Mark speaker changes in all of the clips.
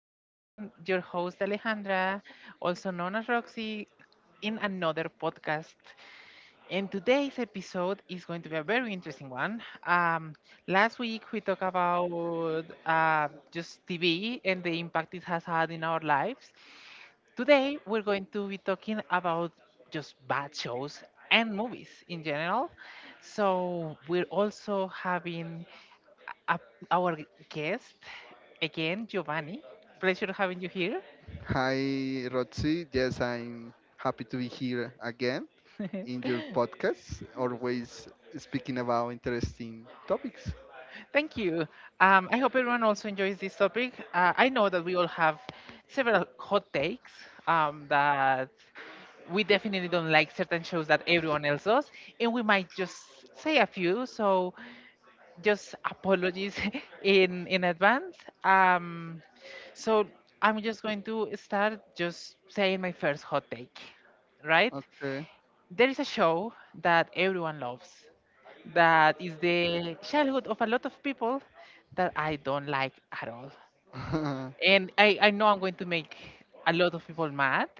Speaker 1: again, your host Alejandra, also known as Roxy, in another podcast. And today's episode is going to be a very interesting one. Um, Last week we talked about just TV and the impact it has had in our lives. Today we're going to be talking about just bad shows and movies in general. So we're also having up our guest again, Giovanni. Pleasure having you here.
Speaker 2: Hi, Rotzi. Yes, I'm happy to be here again in your podcast, always speaking about interesting topics.
Speaker 1: Thank you. I hope everyone also enjoys this topic. I know that we all have several hot takes, that we definitely don't like certain shows that everyone else does, and we might just say a few. So just apologies in advance. Um, so I'm just going to start just saying my first hot take, right?
Speaker 2: Okay.
Speaker 1: There is a show that everyone loves, that is the childhood of a lot of people that I don't like at all. And I know I'm going to make a lot of people mad.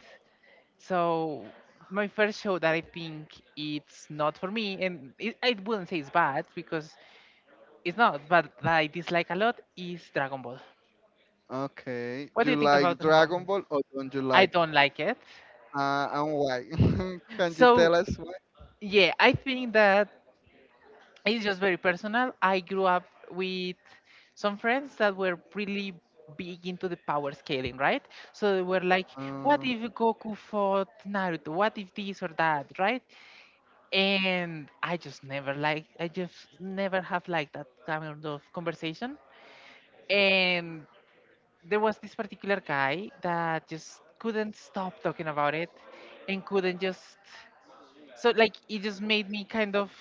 Speaker 1: So, my first show that I think it's not for me, and it, I wouldn't say it's bad because it's not, but that I dislike a lot is Dragon Ball.
Speaker 2: Okay.
Speaker 1: What
Speaker 2: Do
Speaker 1: do
Speaker 2: you
Speaker 1: you think
Speaker 2: like
Speaker 1: about Dragon
Speaker 2: Dragon
Speaker 1: Ball?
Speaker 2: Ball or don't you
Speaker 1: I
Speaker 2: like?
Speaker 1: don't like it.
Speaker 2: And why? Can you
Speaker 1: So,
Speaker 2: tell us why?
Speaker 1: yeah, I think that it's just very personal. I grew up with some friends that were really big into the power scaling, right? So they were like, what
Speaker 2: Uh,
Speaker 1: if Goku fought Naruto? What if this or that, right? And I just never like, I just never have liked that kind of conversation. And there was this particular guy that just couldn't stop talking about it and couldn't just so like it just made me kind of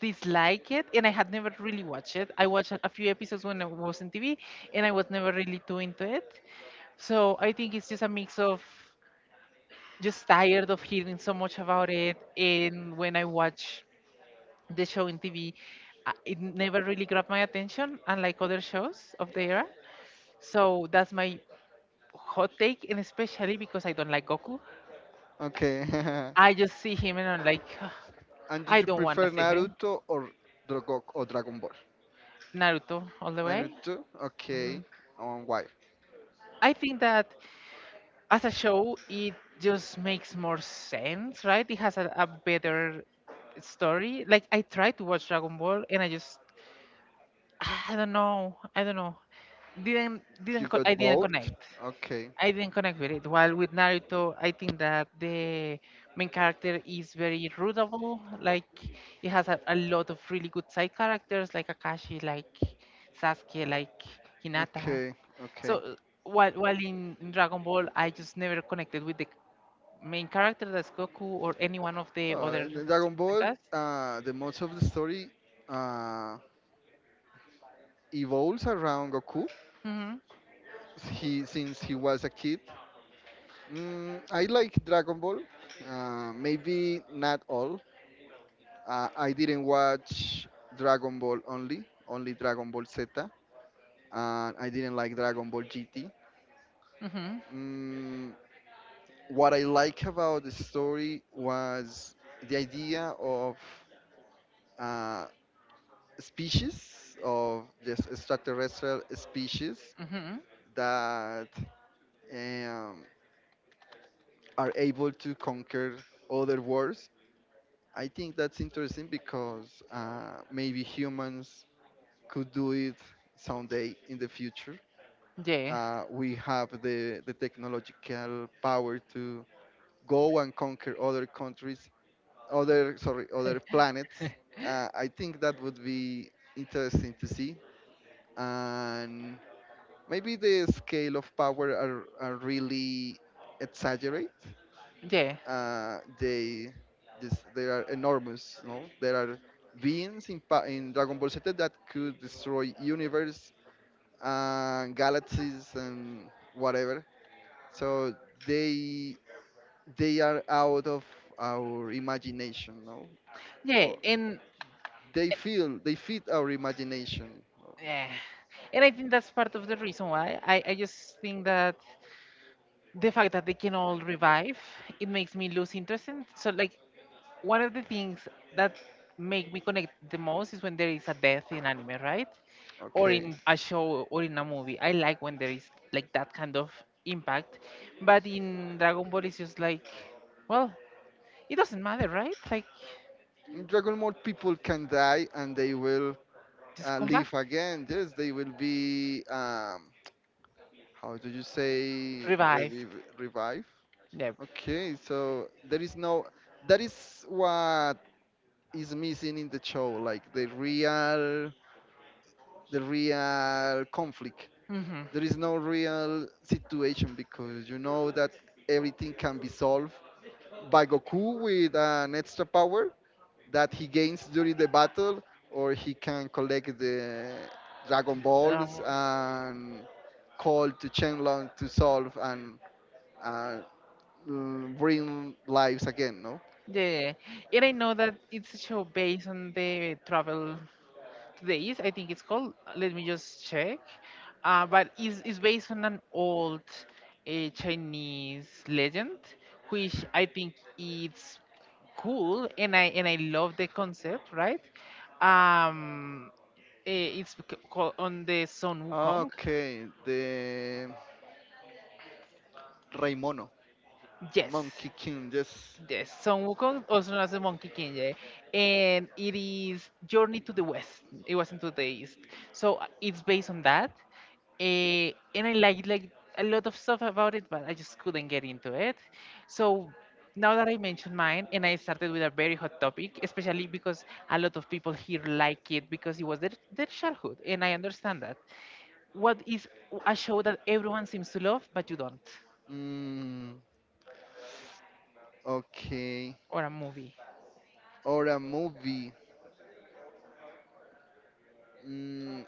Speaker 1: dislike it and I had never really watched it. I watched a few episodes when I was in TV and I was never really too into it. So I think it's just a mix of just tired of hearing so much about it and when I watch the show in TV, it never really grabbed my attention unlike other shows of the era. So that's my hot take and especially because I don't like Goku.
Speaker 2: okay.
Speaker 1: I just see him and I'm like, "Ugh,
Speaker 2: And did
Speaker 1: I
Speaker 2: you
Speaker 1: don't want to
Speaker 2: prefer
Speaker 1: see him.
Speaker 2: Naruto or Dragon Ball?
Speaker 1: Naruto all the way.
Speaker 2: Naruto. Okay. Why?
Speaker 1: I think that as a show, it just makes more sense, right? It has a better story. Like I tried to watch Dragon Ball, and I just I don't know, didn't
Speaker 2: You
Speaker 1: co- I
Speaker 2: got
Speaker 1: didn't
Speaker 2: bored?
Speaker 1: connect.
Speaker 2: Okay.
Speaker 1: I didn't connect with it. While with Naruto, I think that the main character is very rootable. Like it has a lot of really good side characters, like Akashi, like Sasuke, like Hinata.
Speaker 2: Okay.
Speaker 1: So
Speaker 2: Okay.
Speaker 1: while in Dragon Ball, I just never connected with the main character, that's Goku, or any one of the
Speaker 2: Uh,
Speaker 1: other
Speaker 2: in the Dragon
Speaker 1: supporting
Speaker 2: Ball,
Speaker 1: cast.
Speaker 2: the most of the story uh, evolves around Goku.
Speaker 1: hmm
Speaker 2: He since he was a kid. I like Dragon Ball. Maybe not all. I didn't watch Dragon Ball only, only Dragon Ball Z, and I didn't like Dragon Ball GT.
Speaker 1: hmm
Speaker 2: Mm, what I like about the story was the idea of uh, species of this extraterrestrial species
Speaker 1: hmm
Speaker 2: that um, are able to conquer other worlds. I think that's interesting because maybe humans could do it someday in the future.
Speaker 1: Yeah,
Speaker 2: We have the technological power to go and conquer other countries, other, sorry, other planets. I think that would be interesting to see, and maybe the scale of power are really exaggerate.
Speaker 1: yeah,
Speaker 2: They just they are enormous. No, there are beings in Dragon Ball Z that could destroy universe, and galaxies, and whatever, so they they are out of our imagination, no?
Speaker 1: yeah,
Speaker 2: Or
Speaker 1: and
Speaker 2: they feel they fit our imagination.
Speaker 1: yeah, and I think that's part of the reason why I just think that the fact that they can all revive it makes me lose interest in so like one of the things that make me connect the most is when there is a death in anime, right? Or
Speaker 2: Okay.
Speaker 1: in a show or in a movie. I like when there is like that kind of impact. But in Dragon Ball it's just like, well, it doesn't matter, right? Like
Speaker 2: In Dragon Ball, people can die and they will
Speaker 1: just come back.
Speaker 2: live again. Yes, they will be, how do you say,
Speaker 1: Revived.
Speaker 2: revive?
Speaker 1: Yep.
Speaker 2: Okay, so there is no, that is what is missing in the show, like the real conflict.
Speaker 1: hmm
Speaker 2: There is no real situation because you know that everything can be solved by Goku with an extra power that he gains during the battle, or he can collect the Dragon Balls
Speaker 1: Ramos.
Speaker 2: and call to Shenlong to solve and, uh, bring lives again, no?
Speaker 1: Yeah, yeah, yeah. And I know that it's a show based on the travel days, I think it's called, let me just check. But it's based on an old, Chinese legend which I think it's cool and I love the concept, right? um it's called on the Son
Speaker 2: Ah,
Speaker 1: Wukong.
Speaker 2: okay, the Raimono,
Speaker 1: Yes.
Speaker 2: Monkey King, yes.
Speaker 1: Yes, Son Wukong, also known as the Monkey King, yeah, and it is Journey to the West. It wasn't to the East, so it's based on that. And I like a lot of stuff about it, but I just couldn't get into it. So now that I mentioned mine, and I started with a very hot topic, especially because a lot of people here like it because it was their childhood, and I understand that. What is a show that everyone seems to love, but you don't,
Speaker 2: Mm, okay,
Speaker 1: or a movie?
Speaker 2: or a movie. Mm,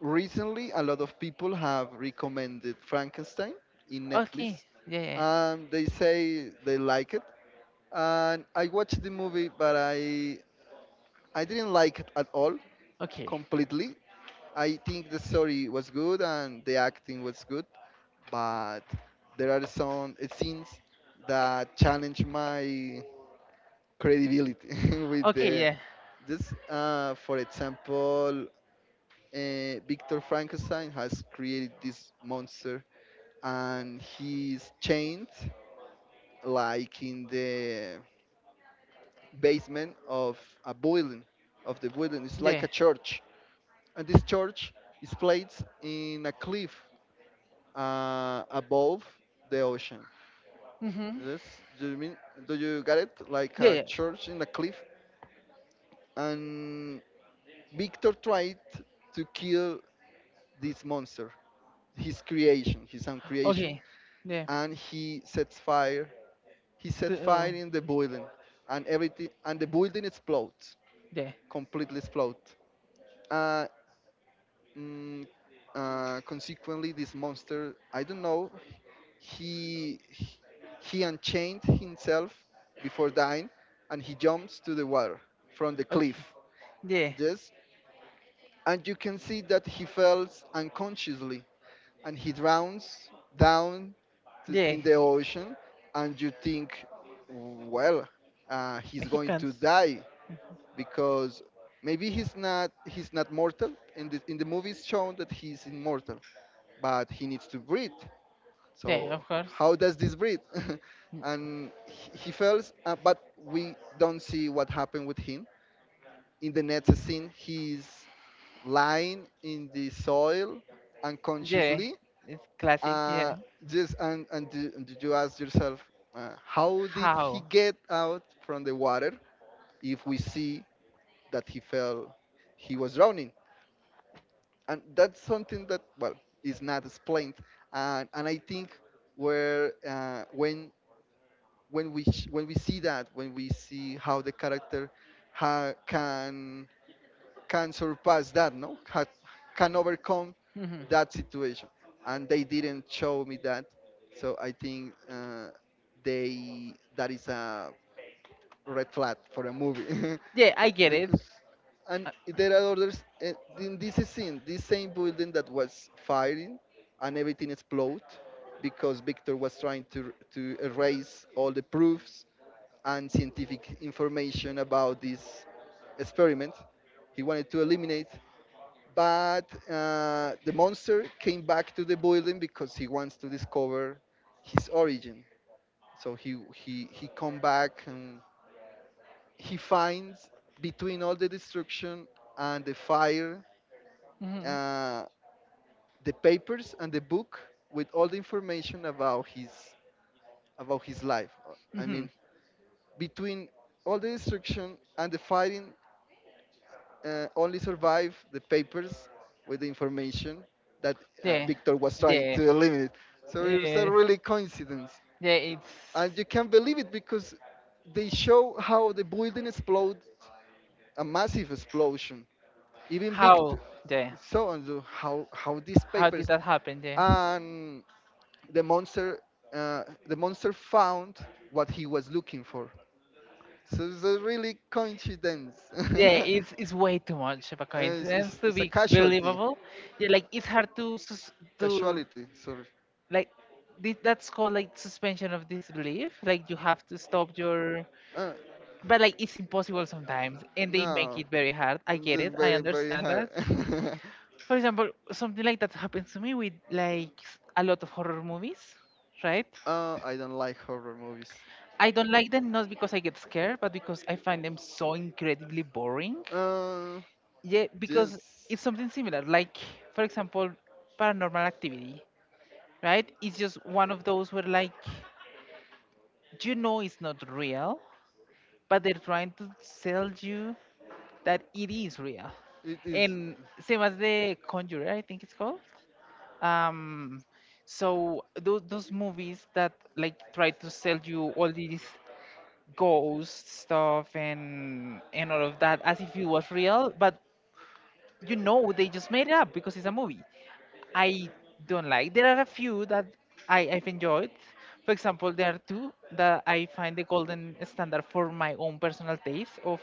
Speaker 2: Recently, a lot of people have recommended Frankenstein in
Speaker 1: Okay,
Speaker 2: Netflix,
Speaker 1: yeah, yeah, yeah.
Speaker 2: and they say they like it. And I watched the movie, but I didn't like it at all,
Speaker 1: Okay.
Speaker 2: completely. I think the story was good and the acting was good, but there are some scenes that challenge my credibility with
Speaker 1: Okay,
Speaker 2: the
Speaker 1: yeah.
Speaker 2: this, for example, Victor Frankenstein has created this monster and he's chained like in the basement of a building, of the building. It's
Speaker 1: Yeah.
Speaker 2: like a church, and this church is placed in a cliff above the ocean.
Speaker 1: Mm-hmm.
Speaker 2: Yes, do you mean, do you get it? Like
Speaker 1: Yeah,
Speaker 2: a
Speaker 1: yeah.
Speaker 2: church in a cliff, and Victor tried to kill this monster, his creation, his own creation,
Speaker 1: Okay. Yeah.
Speaker 2: and he sets fire. He set
Speaker 1: The, uh,
Speaker 2: fire in the building, and everything, and the building explodes,
Speaker 1: yeah.
Speaker 2: completely explodes. Uh, Mm, Consequently, this monster, I don't know, he he he unchained himself before dying, and he jumps to the water from the
Speaker 1: Okay.
Speaker 2: cliff.
Speaker 1: Yeah.
Speaker 2: Yes, and you can see that he falls unconsciously, and he drowns down to,
Speaker 1: Yeah.
Speaker 2: in the ocean, and you think, well, he's
Speaker 1: He
Speaker 2: going
Speaker 1: can.
Speaker 2: to die because maybe he's not mortal. In the movies shown that he's immortal but he needs to breathe.
Speaker 1: Yeah,
Speaker 2: So
Speaker 1: of course.
Speaker 2: how does this breathe?
Speaker 1: Mm,
Speaker 2: And he fails, but we don't see what happened with him. In the next scene, he's lying in the soil
Speaker 1: Yeah.
Speaker 2: unconsciously.
Speaker 1: It's classic. Yeah.
Speaker 2: Uh, just and do, and did you ask yourself, how did he
Speaker 1: How?
Speaker 2: get out from the water? If we see that he fell, he was drowning, and that's something that, well, is not explained. And I think where when we see that, when we see how the character ha- can can surpass that, no, can overcome
Speaker 1: Mm-hmm.
Speaker 2: that situation, and they didn't show me that. So I think, they that is a red flag for a movie.
Speaker 1: Yeah, I get it.
Speaker 2: And there are others, in this scene, this same building that was firing and everything exploded because Victor was trying to erase all the proofs and scientific information about this experiment he wanted to eliminate. But the monster came back to the building because he wants to discover his origin, so he come back, and he finds, between all the destruction and the fire,
Speaker 1: Mm-hmm.
Speaker 2: uh, the papers and the book with all the information about his, about his life. I
Speaker 1: Mm-hmm.
Speaker 2: mean, between all the destruction and the fighting, only survive the papers with the information that,
Speaker 1: Yeah.
Speaker 2: Victor was trying
Speaker 1: Yeah.
Speaker 2: to eliminate. So it's a
Speaker 1: Yeah.
Speaker 2: really coincidence,
Speaker 1: Yeah, it's
Speaker 2: and you can't believe it because they show how the building explodes, a massive explosion, even
Speaker 1: how Yeah.
Speaker 2: so and so how these
Speaker 1: How did
Speaker 2: papers
Speaker 1: that happen? Yeah.
Speaker 2: and the monster, the monster found what he was looking for. So it's a really coincidence.
Speaker 1: Yeah, it's way too much of a
Speaker 2: It's,
Speaker 1: coincidence
Speaker 2: it's,
Speaker 1: to
Speaker 2: it's a
Speaker 1: be
Speaker 2: casualty,
Speaker 1: believable. Yeah, like it's hard to to
Speaker 2: casualty, sorry.
Speaker 1: like that's called like suspension of disbelief. Like you have to stop your,
Speaker 2: Uh,
Speaker 1: but like it's impossible sometimes, and they make
Speaker 2: no
Speaker 1: it very hard. I
Speaker 2: It's
Speaker 1: get it. I
Speaker 2: very very
Speaker 1: understand
Speaker 2: hard.
Speaker 1: that. For example, something like that happens to me with like a lot of horror movies, right?
Speaker 2: I don't like horror movies.
Speaker 1: I don't like them not because I get scared, but because I find them so incredibly boring.
Speaker 2: uh,
Speaker 1: Yeah, because
Speaker 2: yes,
Speaker 1: it's something similar. Like, for example, paranormal activity, right? It's just one of those where, like, you know it's not real, but they're trying to sell you that it is real.
Speaker 2: it is.
Speaker 1: And same as the Conjurer, I think it's called. Um, so those movies that like try to sell you all these ghost stuff and all of that as if it was real, but you know they just made it up because it's a movie. I don't like, there are a few that I've enjoyed. For example, there are two that I find the golden standard for my own personal taste of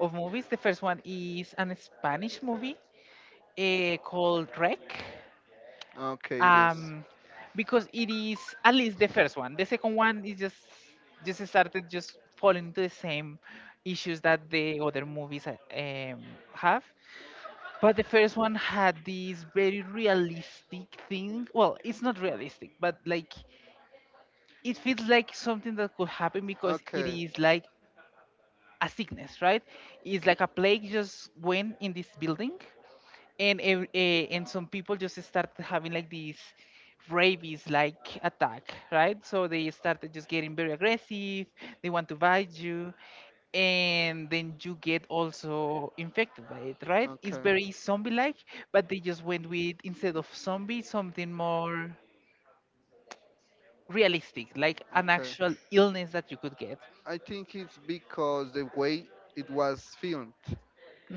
Speaker 1: movies. The first one is an Spanish movie, called Rec,
Speaker 2: Okay. Yes.
Speaker 1: um, because it is at least the first one. The second one is just started just falling into the same issues that the other movies have. But the first one had this very realistic thing. Well, it's not realistic, but like it feels like something that could happen because it
Speaker 2: Okay.
Speaker 1: is like a sickness, right? It's like a plague just went in this building and some people just start having like these rabies like attack, right? So they started just getting very aggressive, they want to bite you, and then you get also infected by it, right? It's
Speaker 2: Okay.
Speaker 1: very zombie like, but they just went with instead of zombie something more realistic like an
Speaker 2: Okay.
Speaker 1: actual illness that you could get.
Speaker 2: I think it's because the way it was filmed.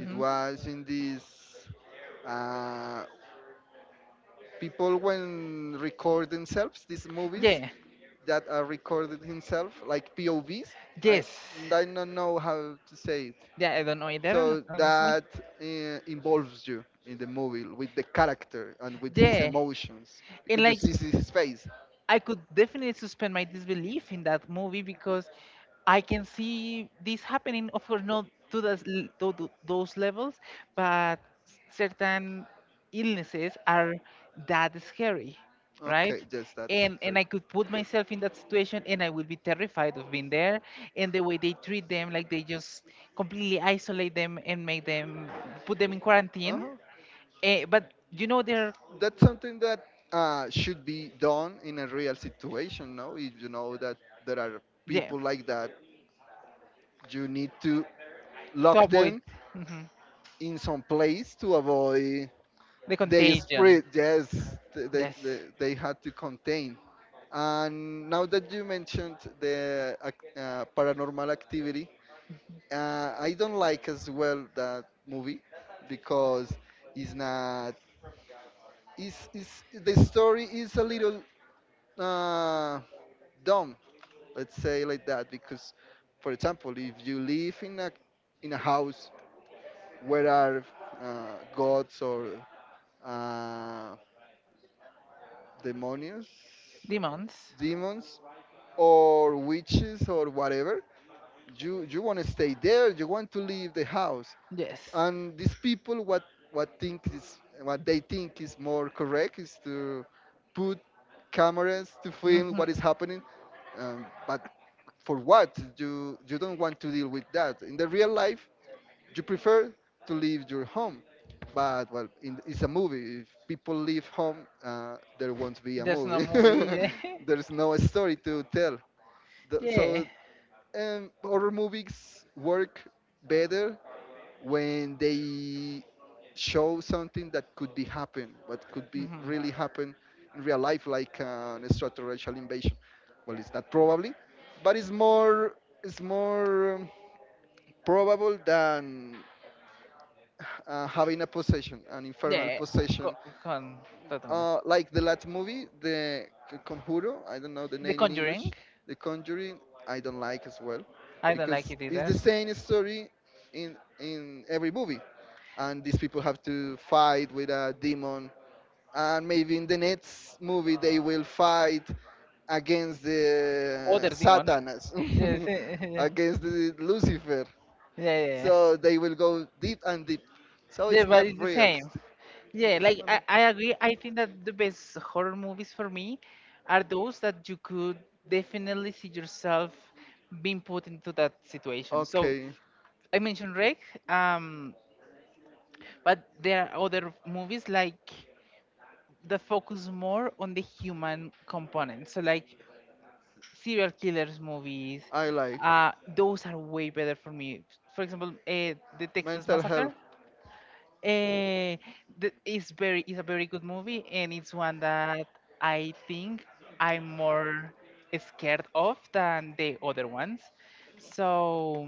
Speaker 2: It was in this. Uh, people when record themselves these movies,
Speaker 1: yeah.
Speaker 2: that recorded himself, like POVs. I,
Speaker 1: Yes.
Speaker 2: I don't know how to say it.
Speaker 1: Yeah, I don't know either,
Speaker 2: So
Speaker 1: honestly.
Speaker 2: that uh, involves you in the movie with the character and with his
Speaker 1: Yeah,
Speaker 2: emotions
Speaker 1: and
Speaker 2: because you
Speaker 1: like
Speaker 2: see his face.
Speaker 1: I could definitely suspend my disbelief in that movie because I can see this happening. Of course, not to those, those levels, but certain illnesses are that scary, right?
Speaker 2: Okay, yes, that's
Speaker 1: And I
Speaker 2: correct.
Speaker 1: could put myself in that situation, and I would be terrified of being there. And the way they treat them, like they just completely isolate them and make them put them in quarantine.
Speaker 2: Uh-huh.
Speaker 1: But you know they're
Speaker 2: That's something that should be done in a real situation, no? If you know that there are
Speaker 1: yeah
Speaker 2: people like that, you need to
Speaker 1: to
Speaker 2: lock
Speaker 1: avoid.
Speaker 2: them
Speaker 1: Mm-hmm.
Speaker 2: in some place to avoid
Speaker 1: The
Speaker 2: they
Speaker 1: contagion.
Speaker 2: spread. Yes, they,
Speaker 1: Yes.
Speaker 2: they, they had to contain. And now that you mentioned the paranormal activity, I don't like as well that movie because it's not. The story is a little uh, dumb, let's say like that, because, for example, if you live in a house where are gods or uh, demonios,
Speaker 1: Demons.
Speaker 2: demons, or witches or whatever. You want to stay there. You want to leave the house,
Speaker 1: Yes.
Speaker 2: and these people what think is what they think is more correct is to put cameras to film
Speaker 1: hmm
Speaker 2: what is happening. But for what you don't want to deal with that in the real life? You prefer to leave your home. But well, in, it's a movie. If people leave home, there won't be a
Speaker 1: There's no
Speaker 2: movie.
Speaker 1: movie. Yeah.
Speaker 2: There's no story to tell. The-
Speaker 1: Yeah.
Speaker 2: So um, horror movies work better when they show something that could be happen, what could be
Speaker 1: hmm
Speaker 2: really happen in real life, like an extraterrestrial invasion. Well, it's not probably, but it's more, probable than having a possession, an infernal
Speaker 1: Yeah. Go,
Speaker 2: possession.
Speaker 1: go on. Totally.
Speaker 2: Like the last movie, the Conjuro, I don't know the
Speaker 1: The
Speaker 2: name in
Speaker 1: Conjuring.
Speaker 2: English, The Conjuring, I don't like as well,
Speaker 1: I don't like
Speaker 2: because
Speaker 1: it
Speaker 2: it's
Speaker 1: either.
Speaker 2: the same story in every movie, and these people have to fight with a demon, and maybe in the next movie they will fight against the
Speaker 1: Other demon.
Speaker 2: Satanas,
Speaker 1: Yes. Yeah.
Speaker 2: against the Lucifer.
Speaker 1: Yeah, yeah.
Speaker 2: So they will go deep and deep. So it's
Speaker 1: Yeah, but
Speaker 2: not
Speaker 1: it's the
Speaker 2: real.
Speaker 1: same. Yeah, like I agree. I think that the best horror movies for me are those that you could definitely see yourself being put into that situation. So
Speaker 2: Okay,
Speaker 1: I mentioned Rec, um, but there are other movies like that focus more on the human component. So like serial killers movies,
Speaker 2: I like
Speaker 1: those are way better for me. For example, the Texas
Speaker 2: mental
Speaker 1: Massacre.
Speaker 2: health.
Speaker 1: Uh, it's very, it's a very good movie and it's one that I think I'm more scared of than the other ones. So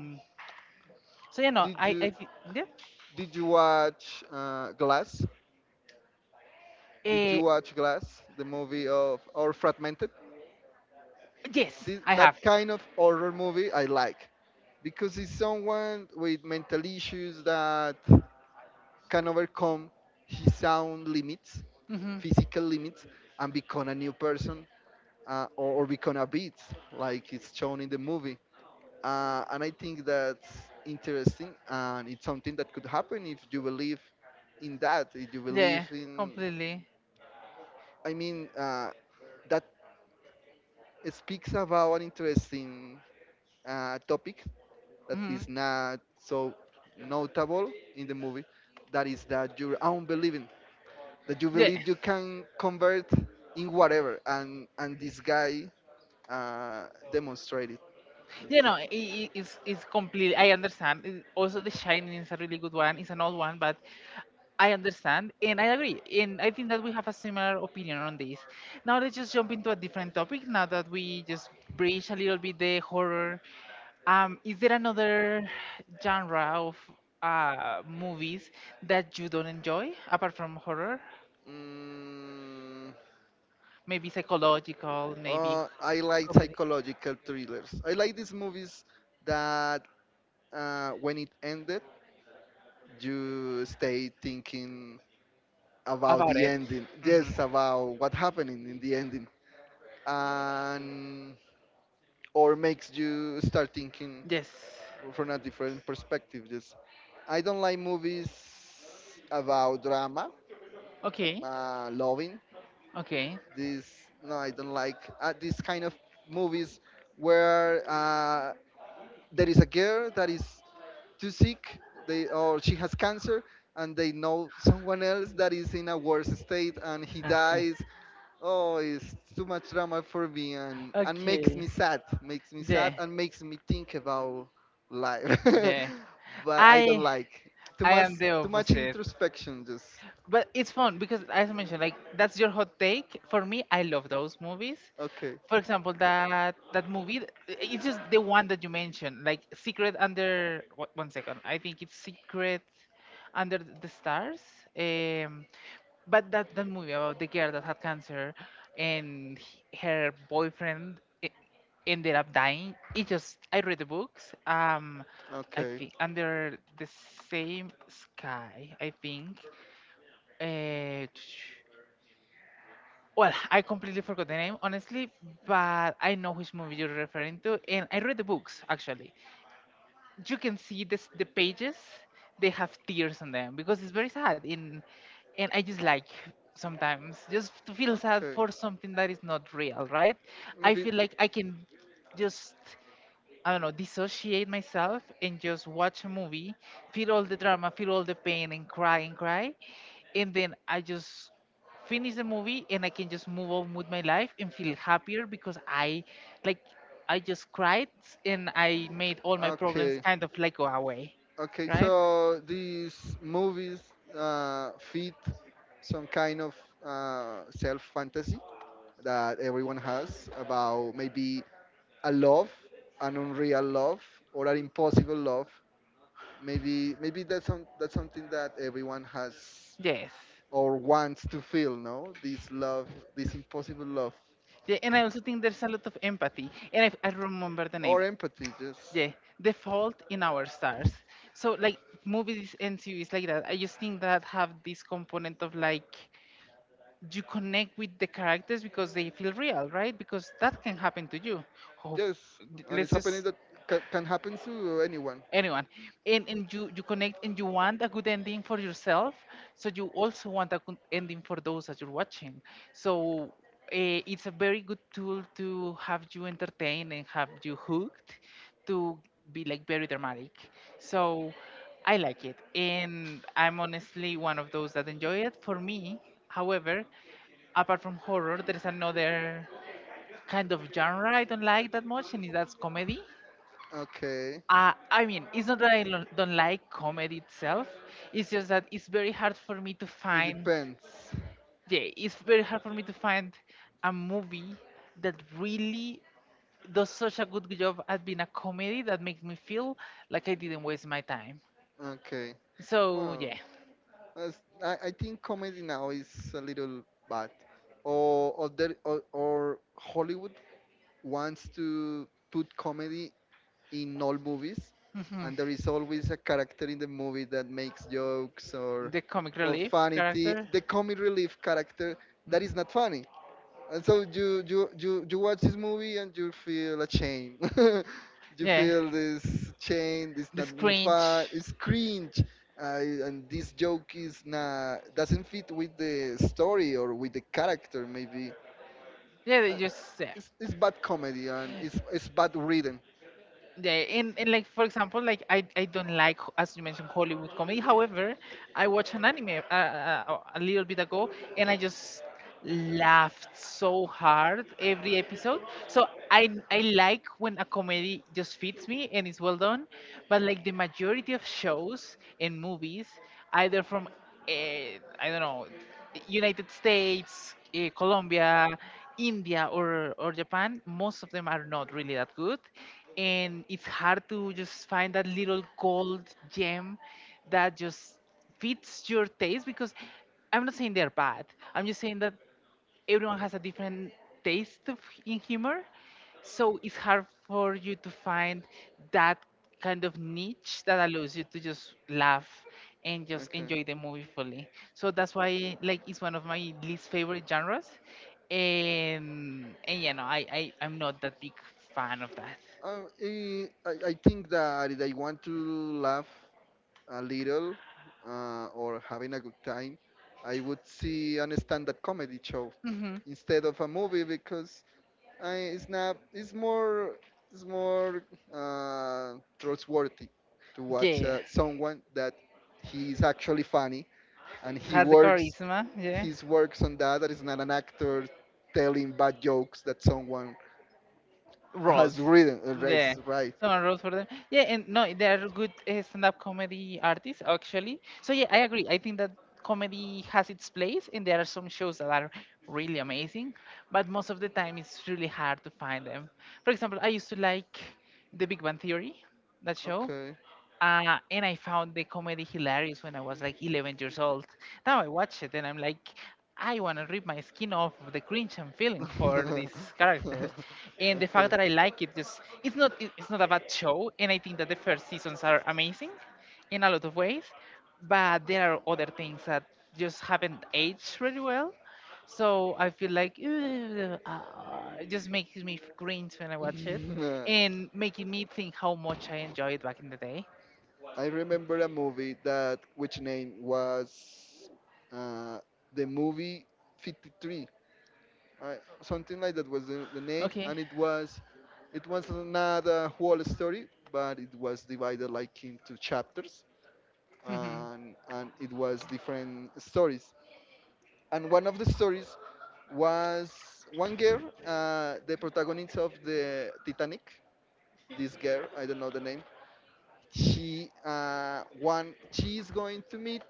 Speaker 1: so you know
Speaker 2: Did you
Speaker 1: yeah.
Speaker 2: did you watch Glass? Did
Speaker 1: Uh,
Speaker 2: you watch Glass, the movie of, or Fragmented?
Speaker 1: yes
Speaker 2: This,
Speaker 1: I have.
Speaker 2: that kind of horror movie I like because it's someone with mental issues that can overcome his own limits,
Speaker 1: hmm
Speaker 2: physical limits, and become a new person, or become a beat, like it's shown in the movie. And I think that's interesting, and it's something that could happen if you believe in that. If you believe
Speaker 1: Yeah,
Speaker 2: in,
Speaker 1: completely.
Speaker 2: I mean, that speaks about an interesting topic that
Speaker 1: hmm
Speaker 2: is not so notable in the movie. That is that you're unbelieving, that you
Speaker 1: Yeah,
Speaker 2: believe you can convert in whatever, and this guy uh, demonstrated. This
Speaker 1: you know, it's complete. I understand. It- Also, The Shining is a really good one. It's an old one, but I understand and I agree. And I think that we have a similar opinion on this. Now let's just jump into a different topic now that we just breach a little bit the horror. Is there another genre of movies that you don't enjoy apart from horror?
Speaker 2: Mm,
Speaker 1: Maybe psychological, maybe
Speaker 2: I like
Speaker 1: comedy.
Speaker 2: psychological thrillers. I like these movies that when it ended, you stay thinking about
Speaker 1: About
Speaker 2: the
Speaker 1: it.
Speaker 2: ending.
Speaker 1: hmm
Speaker 2: Yes, about what happened in the ending, and or makes you start thinking
Speaker 1: Yes.
Speaker 2: from a different perspective. Just I don't like movies about drama,
Speaker 1: Okay.
Speaker 2: loving
Speaker 1: Okay.
Speaker 2: this. No I don't like this kind of movies where there is a girl that is too sick, they or she has cancer, and they know someone else that is in a worse state and he dies. Oh, it's too much drama for me,
Speaker 1: and
Speaker 2: and makes me
Speaker 1: makes
Speaker 2: sad, makes me
Speaker 1: yeah,
Speaker 2: sad,
Speaker 1: and
Speaker 2: and makes me think about life.
Speaker 1: yeah. About
Speaker 2: But I
Speaker 1: I
Speaker 2: don't
Speaker 1: life,
Speaker 2: like too
Speaker 1: I
Speaker 2: much
Speaker 1: am the
Speaker 2: too much
Speaker 1: opposite.
Speaker 2: introspection, just.
Speaker 1: But it's fun because, as I mentioned, like that's your hot take. For me, I love those movies.
Speaker 2: Okay.
Speaker 1: For example, that that movie, it's just the one that you mentioned, like Secret Under. What, one second, I think it's Secret Under the Stars. Um, but that movie about the girl that had cancer and her boyfriend ended up dying. It just I read the books. I
Speaker 2: Okay.
Speaker 1: think Under the Same Sky. I think uh, well, I completely forgot the name, honestly, but I know which movie you're referring to, and I read the books actually. You can see this, the pages; they have tears on them because it's very sad, and I just like sometimes just to feel sad for something that is not real, right? I feel like I can just I don't know, dissociate myself and just watch a movie, feel all the drama, feel all the pain, and cry and cry. And then I just finish the movie and I can just move on with my life and feel happier because I, like, I just cried and I made all my problems kind of like go away,
Speaker 2: Okay,
Speaker 1: right?
Speaker 2: so these movies fit some kind of self fantasy that everyone has, about maybe a love, an unreal love, or an impossible love. Maybe that's that's something that everyone has
Speaker 1: Yes.
Speaker 2: or wants to feel. No, this love, this impossible love,
Speaker 1: Yeah, and I also think there's a lot of empathy. And I remember the name.
Speaker 2: or empathy. Just,
Speaker 1: Yeah, the fault in our stars. So like movies and series like that, I just think that have this component of like you connect with the characters because they feel real, right? Because that can happen to you. Of-
Speaker 2: yes, and it's
Speaker 1: let's
Speaker 2: happening
Speaker 1: just
Speaker 2: that can happen to anyone.
Speaker 1: Anyone, and you connect and you want a good ending for yourself, so you also want a good ending for those that you're watching. So it's a very good tool to have you entertained and have you hooked, to be like very dramatic. So I like it, and I'm honestly one of those that enjoy it for me. However, apart from horror, there's another kind of genre I don't like that much, and that's comedy.
Speaker 2: Okay.
Speaker 1: I mean, it's not that I don't like comedy itself. It's just that it's very hard for me to
Speaker 2: It
Speaker 1: find.
Speaker 2: depends.
Speaker 1: Yeah, it's very hard for me to find a movie that really does such a good job at being a comedy that makes me feel like I didn't waste my time.
Speaker 2: Okay.
Speaker 1: So
Speaker 2: Wow.
Speaker 1: yeah.
Speaker 2: That's, I think comedy now is a little bad. Or Hollywood wants to put comedy in all movies,
Speaker 1: hmm
Speaker 2: and there is always a character in the movie that makes jokes or
Speaker 1: the comic relief character.
Speaker 2: the comic relief character that is
Speaker 1: Mhm.
Speaker 2: not funny, and so you watch this movie and you feel ashamed. You
Speaker 1: Yeah,
Speaker 2: feel this shame. It's
Speaker 1: the
Speaker 2: not
Speaker 1: scringe.
Speaker 2: fun. It's cringe. And this joke is not doesn't fit with the story or with the character maybe.
Speaker 1: Yeah, they just yeah.
Speaker 2: It's bad comedy and it's bad written.
Speaker 1: Yeah, and like for example, like I don't like as you mentioned Hollywood comedy. However, I watched an anime a little bit ago, and I just laughed so hard every episode. So I like when a comedy just fits me and it's well done, but like the majority of shows and movies, either from uh, I don't know, United States, Colombia, India, or Japan, most of them are not really that good, and it's hard to just find that little gold gem that just fits your taste. Because I'm not saying they're bad, I'm just saying that everyone has a different taste of, in humor. So it's hard for you to find that kind of niche that allows you to just laugh and just
Speaker 2: Okay.
Speaker 1: enjoy the movie fully. So that's why like it's one of my least favorite genres, and you know i, I'm not that big fan of that.
Speaker 2: I think that if I want to laugh a little or having a good time, I would see an stand-up comedy show
Speaker 1: hmm.
Speaker 2: instead of a movie because I, Snap is more trustworthy to watch
Speaker 1: Yeah,
Speaker 2: someone that he is actually funny and he
Speaker 1: has the
Speaker 2: works
Speaker 1: charisma. Yeah,
Speaker 2: his works on that. That is not an actor telling bad jokes that someone
Speaker 1: Rhodes.
Speaker 2: has written. Right,
Speaker 1: Yeah,
Speaker 2: right.
Speaker 1: someone Rhodes for them. Yeah, and no, they are good stand-up comedy artists actually. So yeah, I agree. I think that comedy has its place, and there are some shows that are really amazing, but most of the time it's really hard to find them. For example, I used to like The Big Bang Theory, that show.
Speaker 2: Okay.
Speaker 1: And I found the comedy hilarious when I was like 11 years old. Now I watch it and I'm like, I want to rip my skin off of the cringe I'm feeling for these characters, and the fact
Speaker 2: Okay.
Speaker 1: that I like it, just it's not it's not a bad show, and I think that the first seasons are amazing, in a lot of ways, but there are other things that just haven't aged very well. So I feel like "Ugh, ah," it just makes me cringe when I watch it, and making me think how much I enjoyed back in the day.
Speaker 2: I remember a movie that which name was uh, the movie 53, uh, something like that was the name,
Speaker 1: Okay.
Speaker 2: and it was not a whole story, but it was divided like into chapters,
Speaker 1: Mhm.
Speaker 2: and it was different stories, and one of the stories was one girl, the protagonist of the Titanic. This girl, I don't know the name. She one she is going to meet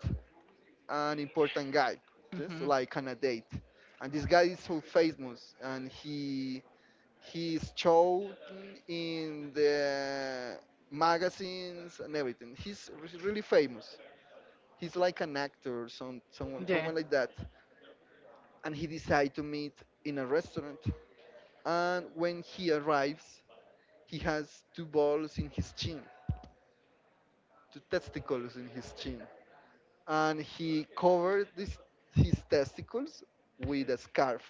Speaker 2: an important guy, just
Speaker 1: Mhm.
Speaker 2: like on a date, and this guy is so famous, and he's shown in the magazines and everything. He's really famous. He's like an actor, some someone
Speaker 1: Yeah.
Speaker 2: someone like that. And he decided to meet in a restaurant. And when he arrives, he has two balls in his chin, two testicles in his chin, and he covered this, his testicles with a scarf.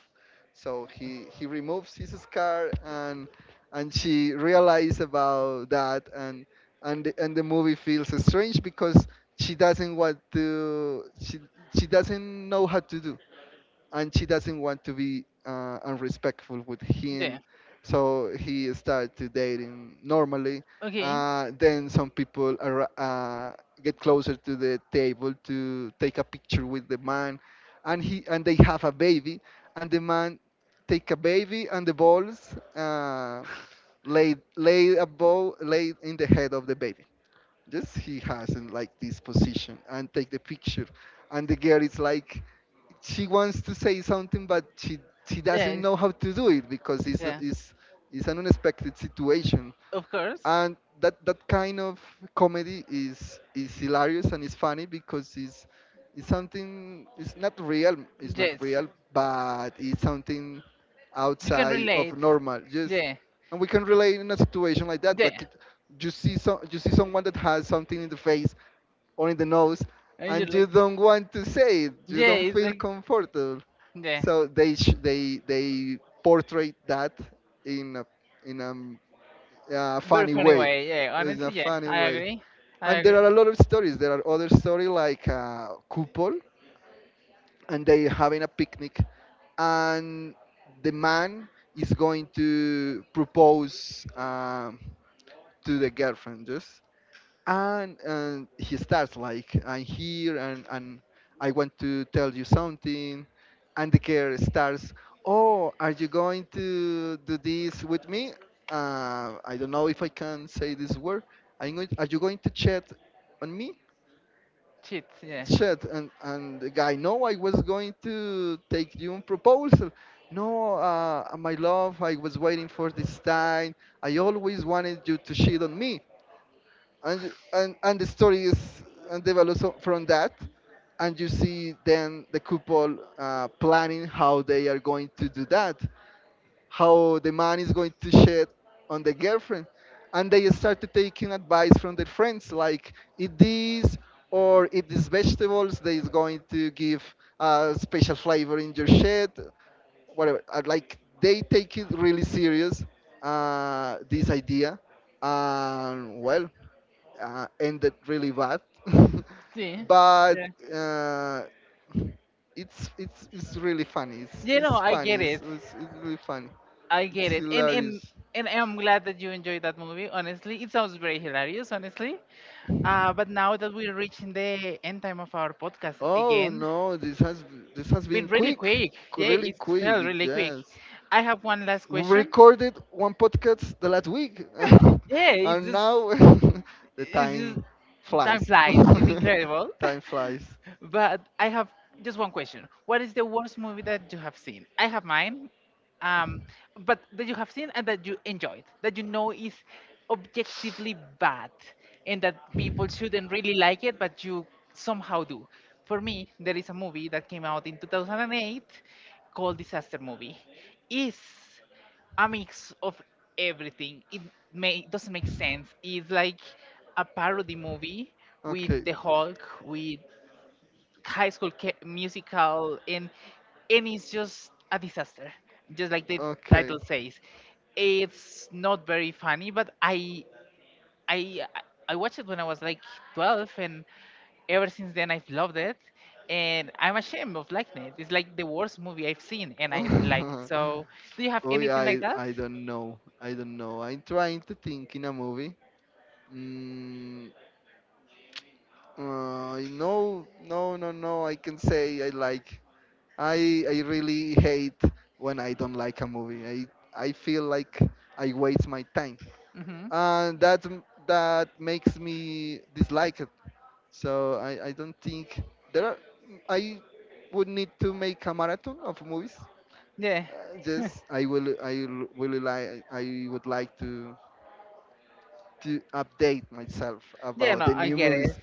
Speaker 2: So he removes his scarf, and she realizes about that, and and the movie feels strange because she doesn't want to she she doesn't know how to do. And she doesn't want to be unrespectful with
Speaker 1: Yeah.
Speaker 2: him, so he started dating normally.
Speaker 1: Okay.
Speaker 2: Then some people are, get closer to the table to take a picture with the man, and he and they have a baby, and the man take a baby, and the balls laid laid a ball laid in the head of the baby. Yes, he has in like this position and take the picture, and the girl is like, she wants to say something, but she doesn't
Speaker 1: Yes.
Speaker 2: know how to do it because it's
Speaker 1: Yeah.
Speaker 2: it's an unexpected situation,
Speaker 1: Of course.
Speaker 2: and that kind of comedy is hilarious and it's funny because it's something, it's not real, it's not
Speaker 1: Yes.
Speaker 2: real, but it's something
Speaker 1: You can
Speaker 2: outside of
Speaker 1: relate.
Speaker 2: normal, just.
Speaker 1: Yeah.
Speaker 2: And we can relate in a situation like that,
Speaker 1: Yeah.
Speaker 2: like it, you see, so you see someone that has something in the face or the nose,
Speaker 1: And you're
Speaker 2: and you
Speaker 1: like,
Speaker 2: don't want to say it, you don't
Speaker 1: yeah, it's
Speaker 2: feel
Speaker 1: like,
Speaker 2: comfortable,
Speaker 1: yeah,
Speaker 2: so they sh- they portray that in a in a
Speaker 1: very
Speaker 2: funny
Speaker 1: funny
Speaker 2: way.
Speaker 1: way. Yeah,
Speaker 2: In a
Speaker 1: honestly, yeah,
Speaker 2: funny
Speaker 1: I
Speaker 2: way.
Speaker 1: agree. I
Speaker 2: And
Speaker 1: agree.
Speaker 2: there are a lot of stories, there are other stories like Kupol, and they having a picnic, and the man is going to propose to the girlfriend just, and he starts like I'm here, and I want to tell you something, and the girl starts, oh, are you going to do this with me? I don't know if I can say this word. I'm going, are you going to chat on me?
Speaker 1: Cheat, yeah.
Speaker 2: Chat. And the guy, no, I was going to take you on proposal. No, my love, I was waiting for this time, I always wanted you to cheat on me. And the story is and develops from that, and you see then the couple planning how they are going to do that, how the man is going to shed on the girlfriend. And they started taking advice from their friends, like, eat this or eat these vegetables that is going to give a special flavor in your shed, whatever. Like they take it really serious, this idea. And well, ended really bad.
Speaker 1: See?
Speaker 2: But
Speaker 1: Yeah.
Speaker 2: uh, it's really funny. It's
Speaker 1: You know,
Speaker 2: it's
Speaker 1: I
Speaker 2: funny.
Speaker 1: get it.
Speaker 2: It's really funny.
Speaker 1: I
Speaker 2: It's
Speaker 1: get it. And and
Speaker 2: hilarious.
Speaker 1: and I'm glad that you enjoyed that movie. Honestly, it sounds very hilarious. Honestly, but now that we're reaching the end time of our podcast
Speaker 2: Oh
Speaker 1: again,
Speaker 2: no, this has
Speaker 1: been
Speaker 2: been
Speaker 1: really
Speaker 2: quick,
Speaker 1: quick. Yeah,
Speaker 2: really
Speaker 1: it
Speaker 2: quick.
Speaker 1: felt really quick.
Speaker 2: Yes,
Speaker 1: I have one last
Speaker 2: we
Speaker 1: question.
Speaker 2: recorded one podcast the last week,
Speaker 1: Yeah, it's
Speaker 2: and
Speaker 1: just
Speaker 2: now the
Speaker 1: it's
Speaker 2: time
Speaker 1: just time
Speaker 2: flies.
Speaker 1: flies. It's incredible.
Speaker 2: Time flies.
Speaker 1: But I have just one question. What is the worst movie that you have seen? I have mine. Um, but that you have seen and that you enjoyed, that you know is objectively bad and that people shouldn't really like it, but you somehow do. For me, there is a movie that came out in 2008 called Disaster Movie. Is a mix of everything. It may doesn't make sense. It's like a parody movie with
Speaker 2: Okay.
Speaker 1: the Hulk, with High School Musical, and it's just a disaster. Just like the
Speaker 2: Okay.
Speaker 1: title says, it's not very funny. But I I watched it when I was like 12, and ever since then I've loved it. And I'm ashamed of liking it. It's like the worst movie I've seen, and I like. So, do you have
Speaker 2: Oh yeah,
Speaker 1: anything like that?
Speaker 2: I don't know. I don't know. I'm trying to think in a movie. Mm, no, no, no, no. I can say I like. I really hate when I don't like a movie. I feel like I waste my time,
Speaker 1: hmm.
Speaker 2: and that makes me dislike it. So I don't think there are. I would need to make a marathon of movies.
Speaker 1: Yeah.
Speaker 2: Just really like I would like to update myself
Speaker 1: Yeah,
Speaker 2: about
Speaker 1: no,
Speaker 2: the
Speaker 1: I
Speaker 2: new
Speaker 1: get it.
Speaker 2: movies.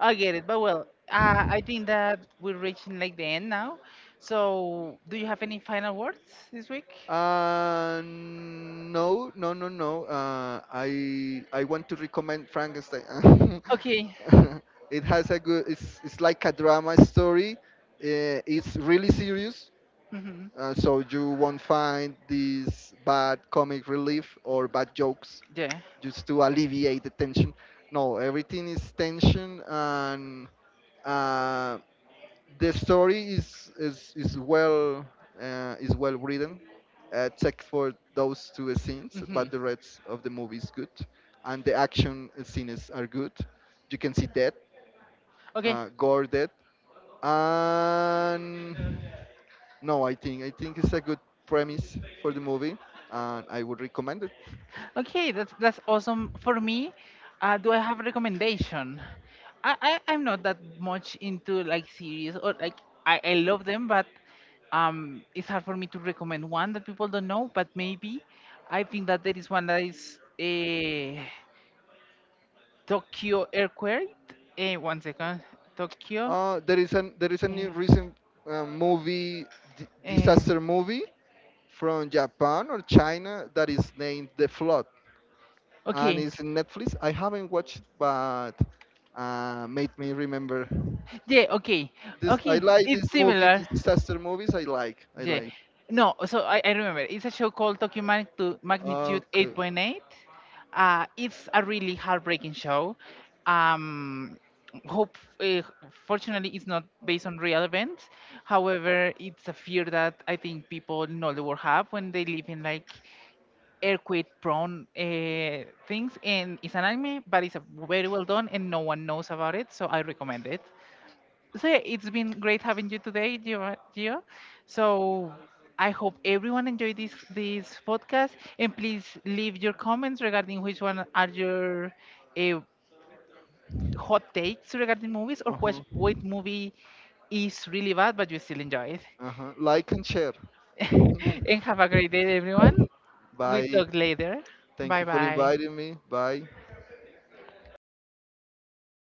Speaker 1: I get it. But well, I think that we're reaching like the end now. So, do you have any final words this week?
Speaker 2: No, no, no, no. I want to recommend Frankenstein.
Speaker 1: Okay.
Speaker 2: It has a good. It's like a drama story. It's really serious,
Speaker 1: hmm.
Speaker 2: so you won't find these bad comic relief or bad jokes
Speaker 1: Yeah.
Speaker 2: just to alleviate the tension. No, everything is tension and. uh, the story is well, is well written, except for those two scenes.
Speaker 1: hmm.
Speaker 2: But the rest of the movie is good, and the action scenes are good. You can see death,
Speaker 1: Okay.
Speaker 2: gore death, and no, I think it's a good premise for the movie, and I would recommend it.
Speaker 1: Okay, that's awesome. For me, do I have a recommendation? I'm not that much into like series or like I love them, but it's hard for me to recommend one that people don't know. But maybe I think that there is one that is a Tokyo earthquake. Eh, one second, Tokyo.
Speaker 2: There is a new
Speaker 1: eh,
Speaker 2: recent movie,
Speaker 1: eh,
Speaker 2: disaster movie from Japan or China that is named The Flood. And
Speaker 1: okay,
Speaker 2: it's in Netflix. I haven't watched, but made me remember.
Speaker 1: yeah, okay,
Speaker 2: This I
Speaker 1: okay.
Speaker 2: like this
Speaker 1: It's
Speaker 2: movie,
Speaker 1: similar.
Speaker 2: these disaster movies. I like, I
Speaker 1: Yeah.
Speaker 2: like.
Speaker 1: No, so I remember it's a show called Tokyo Magnitude
Speaker 2: Okay.
Speaker 1: 8.8. It's a really heartbreaking show. Um, hope, uh, Fortunately, it's not based on real events. However, it's a fear that I think people in all the world have when they live in like earthquake-prone things. And it's an anime, but it's a very well done, and no one knows about it, so I recommend it. So yeah, it's been great having you today, Gio. Gio. So I hope everyone enjoyed this podcast, and please leave your comments regarding which one are your uh, hot takes regarding movies, or
Speaker 2: Uh
Speaker 1: which
Speaker 2: huh.
Speaker 1: what movie is really bad but you still enjoy it.
Speaker 2: Uh huh. Like and share.
Speaker 1: And have a great day, everyone. We
Speaker 2: Bye.
Speaker 1: talk later.
Speaker 2: Thank
Speaker 1: Bye
Speaker 2: you for
Speaker 1: bye.
Speaker 2: inviting me. Bye.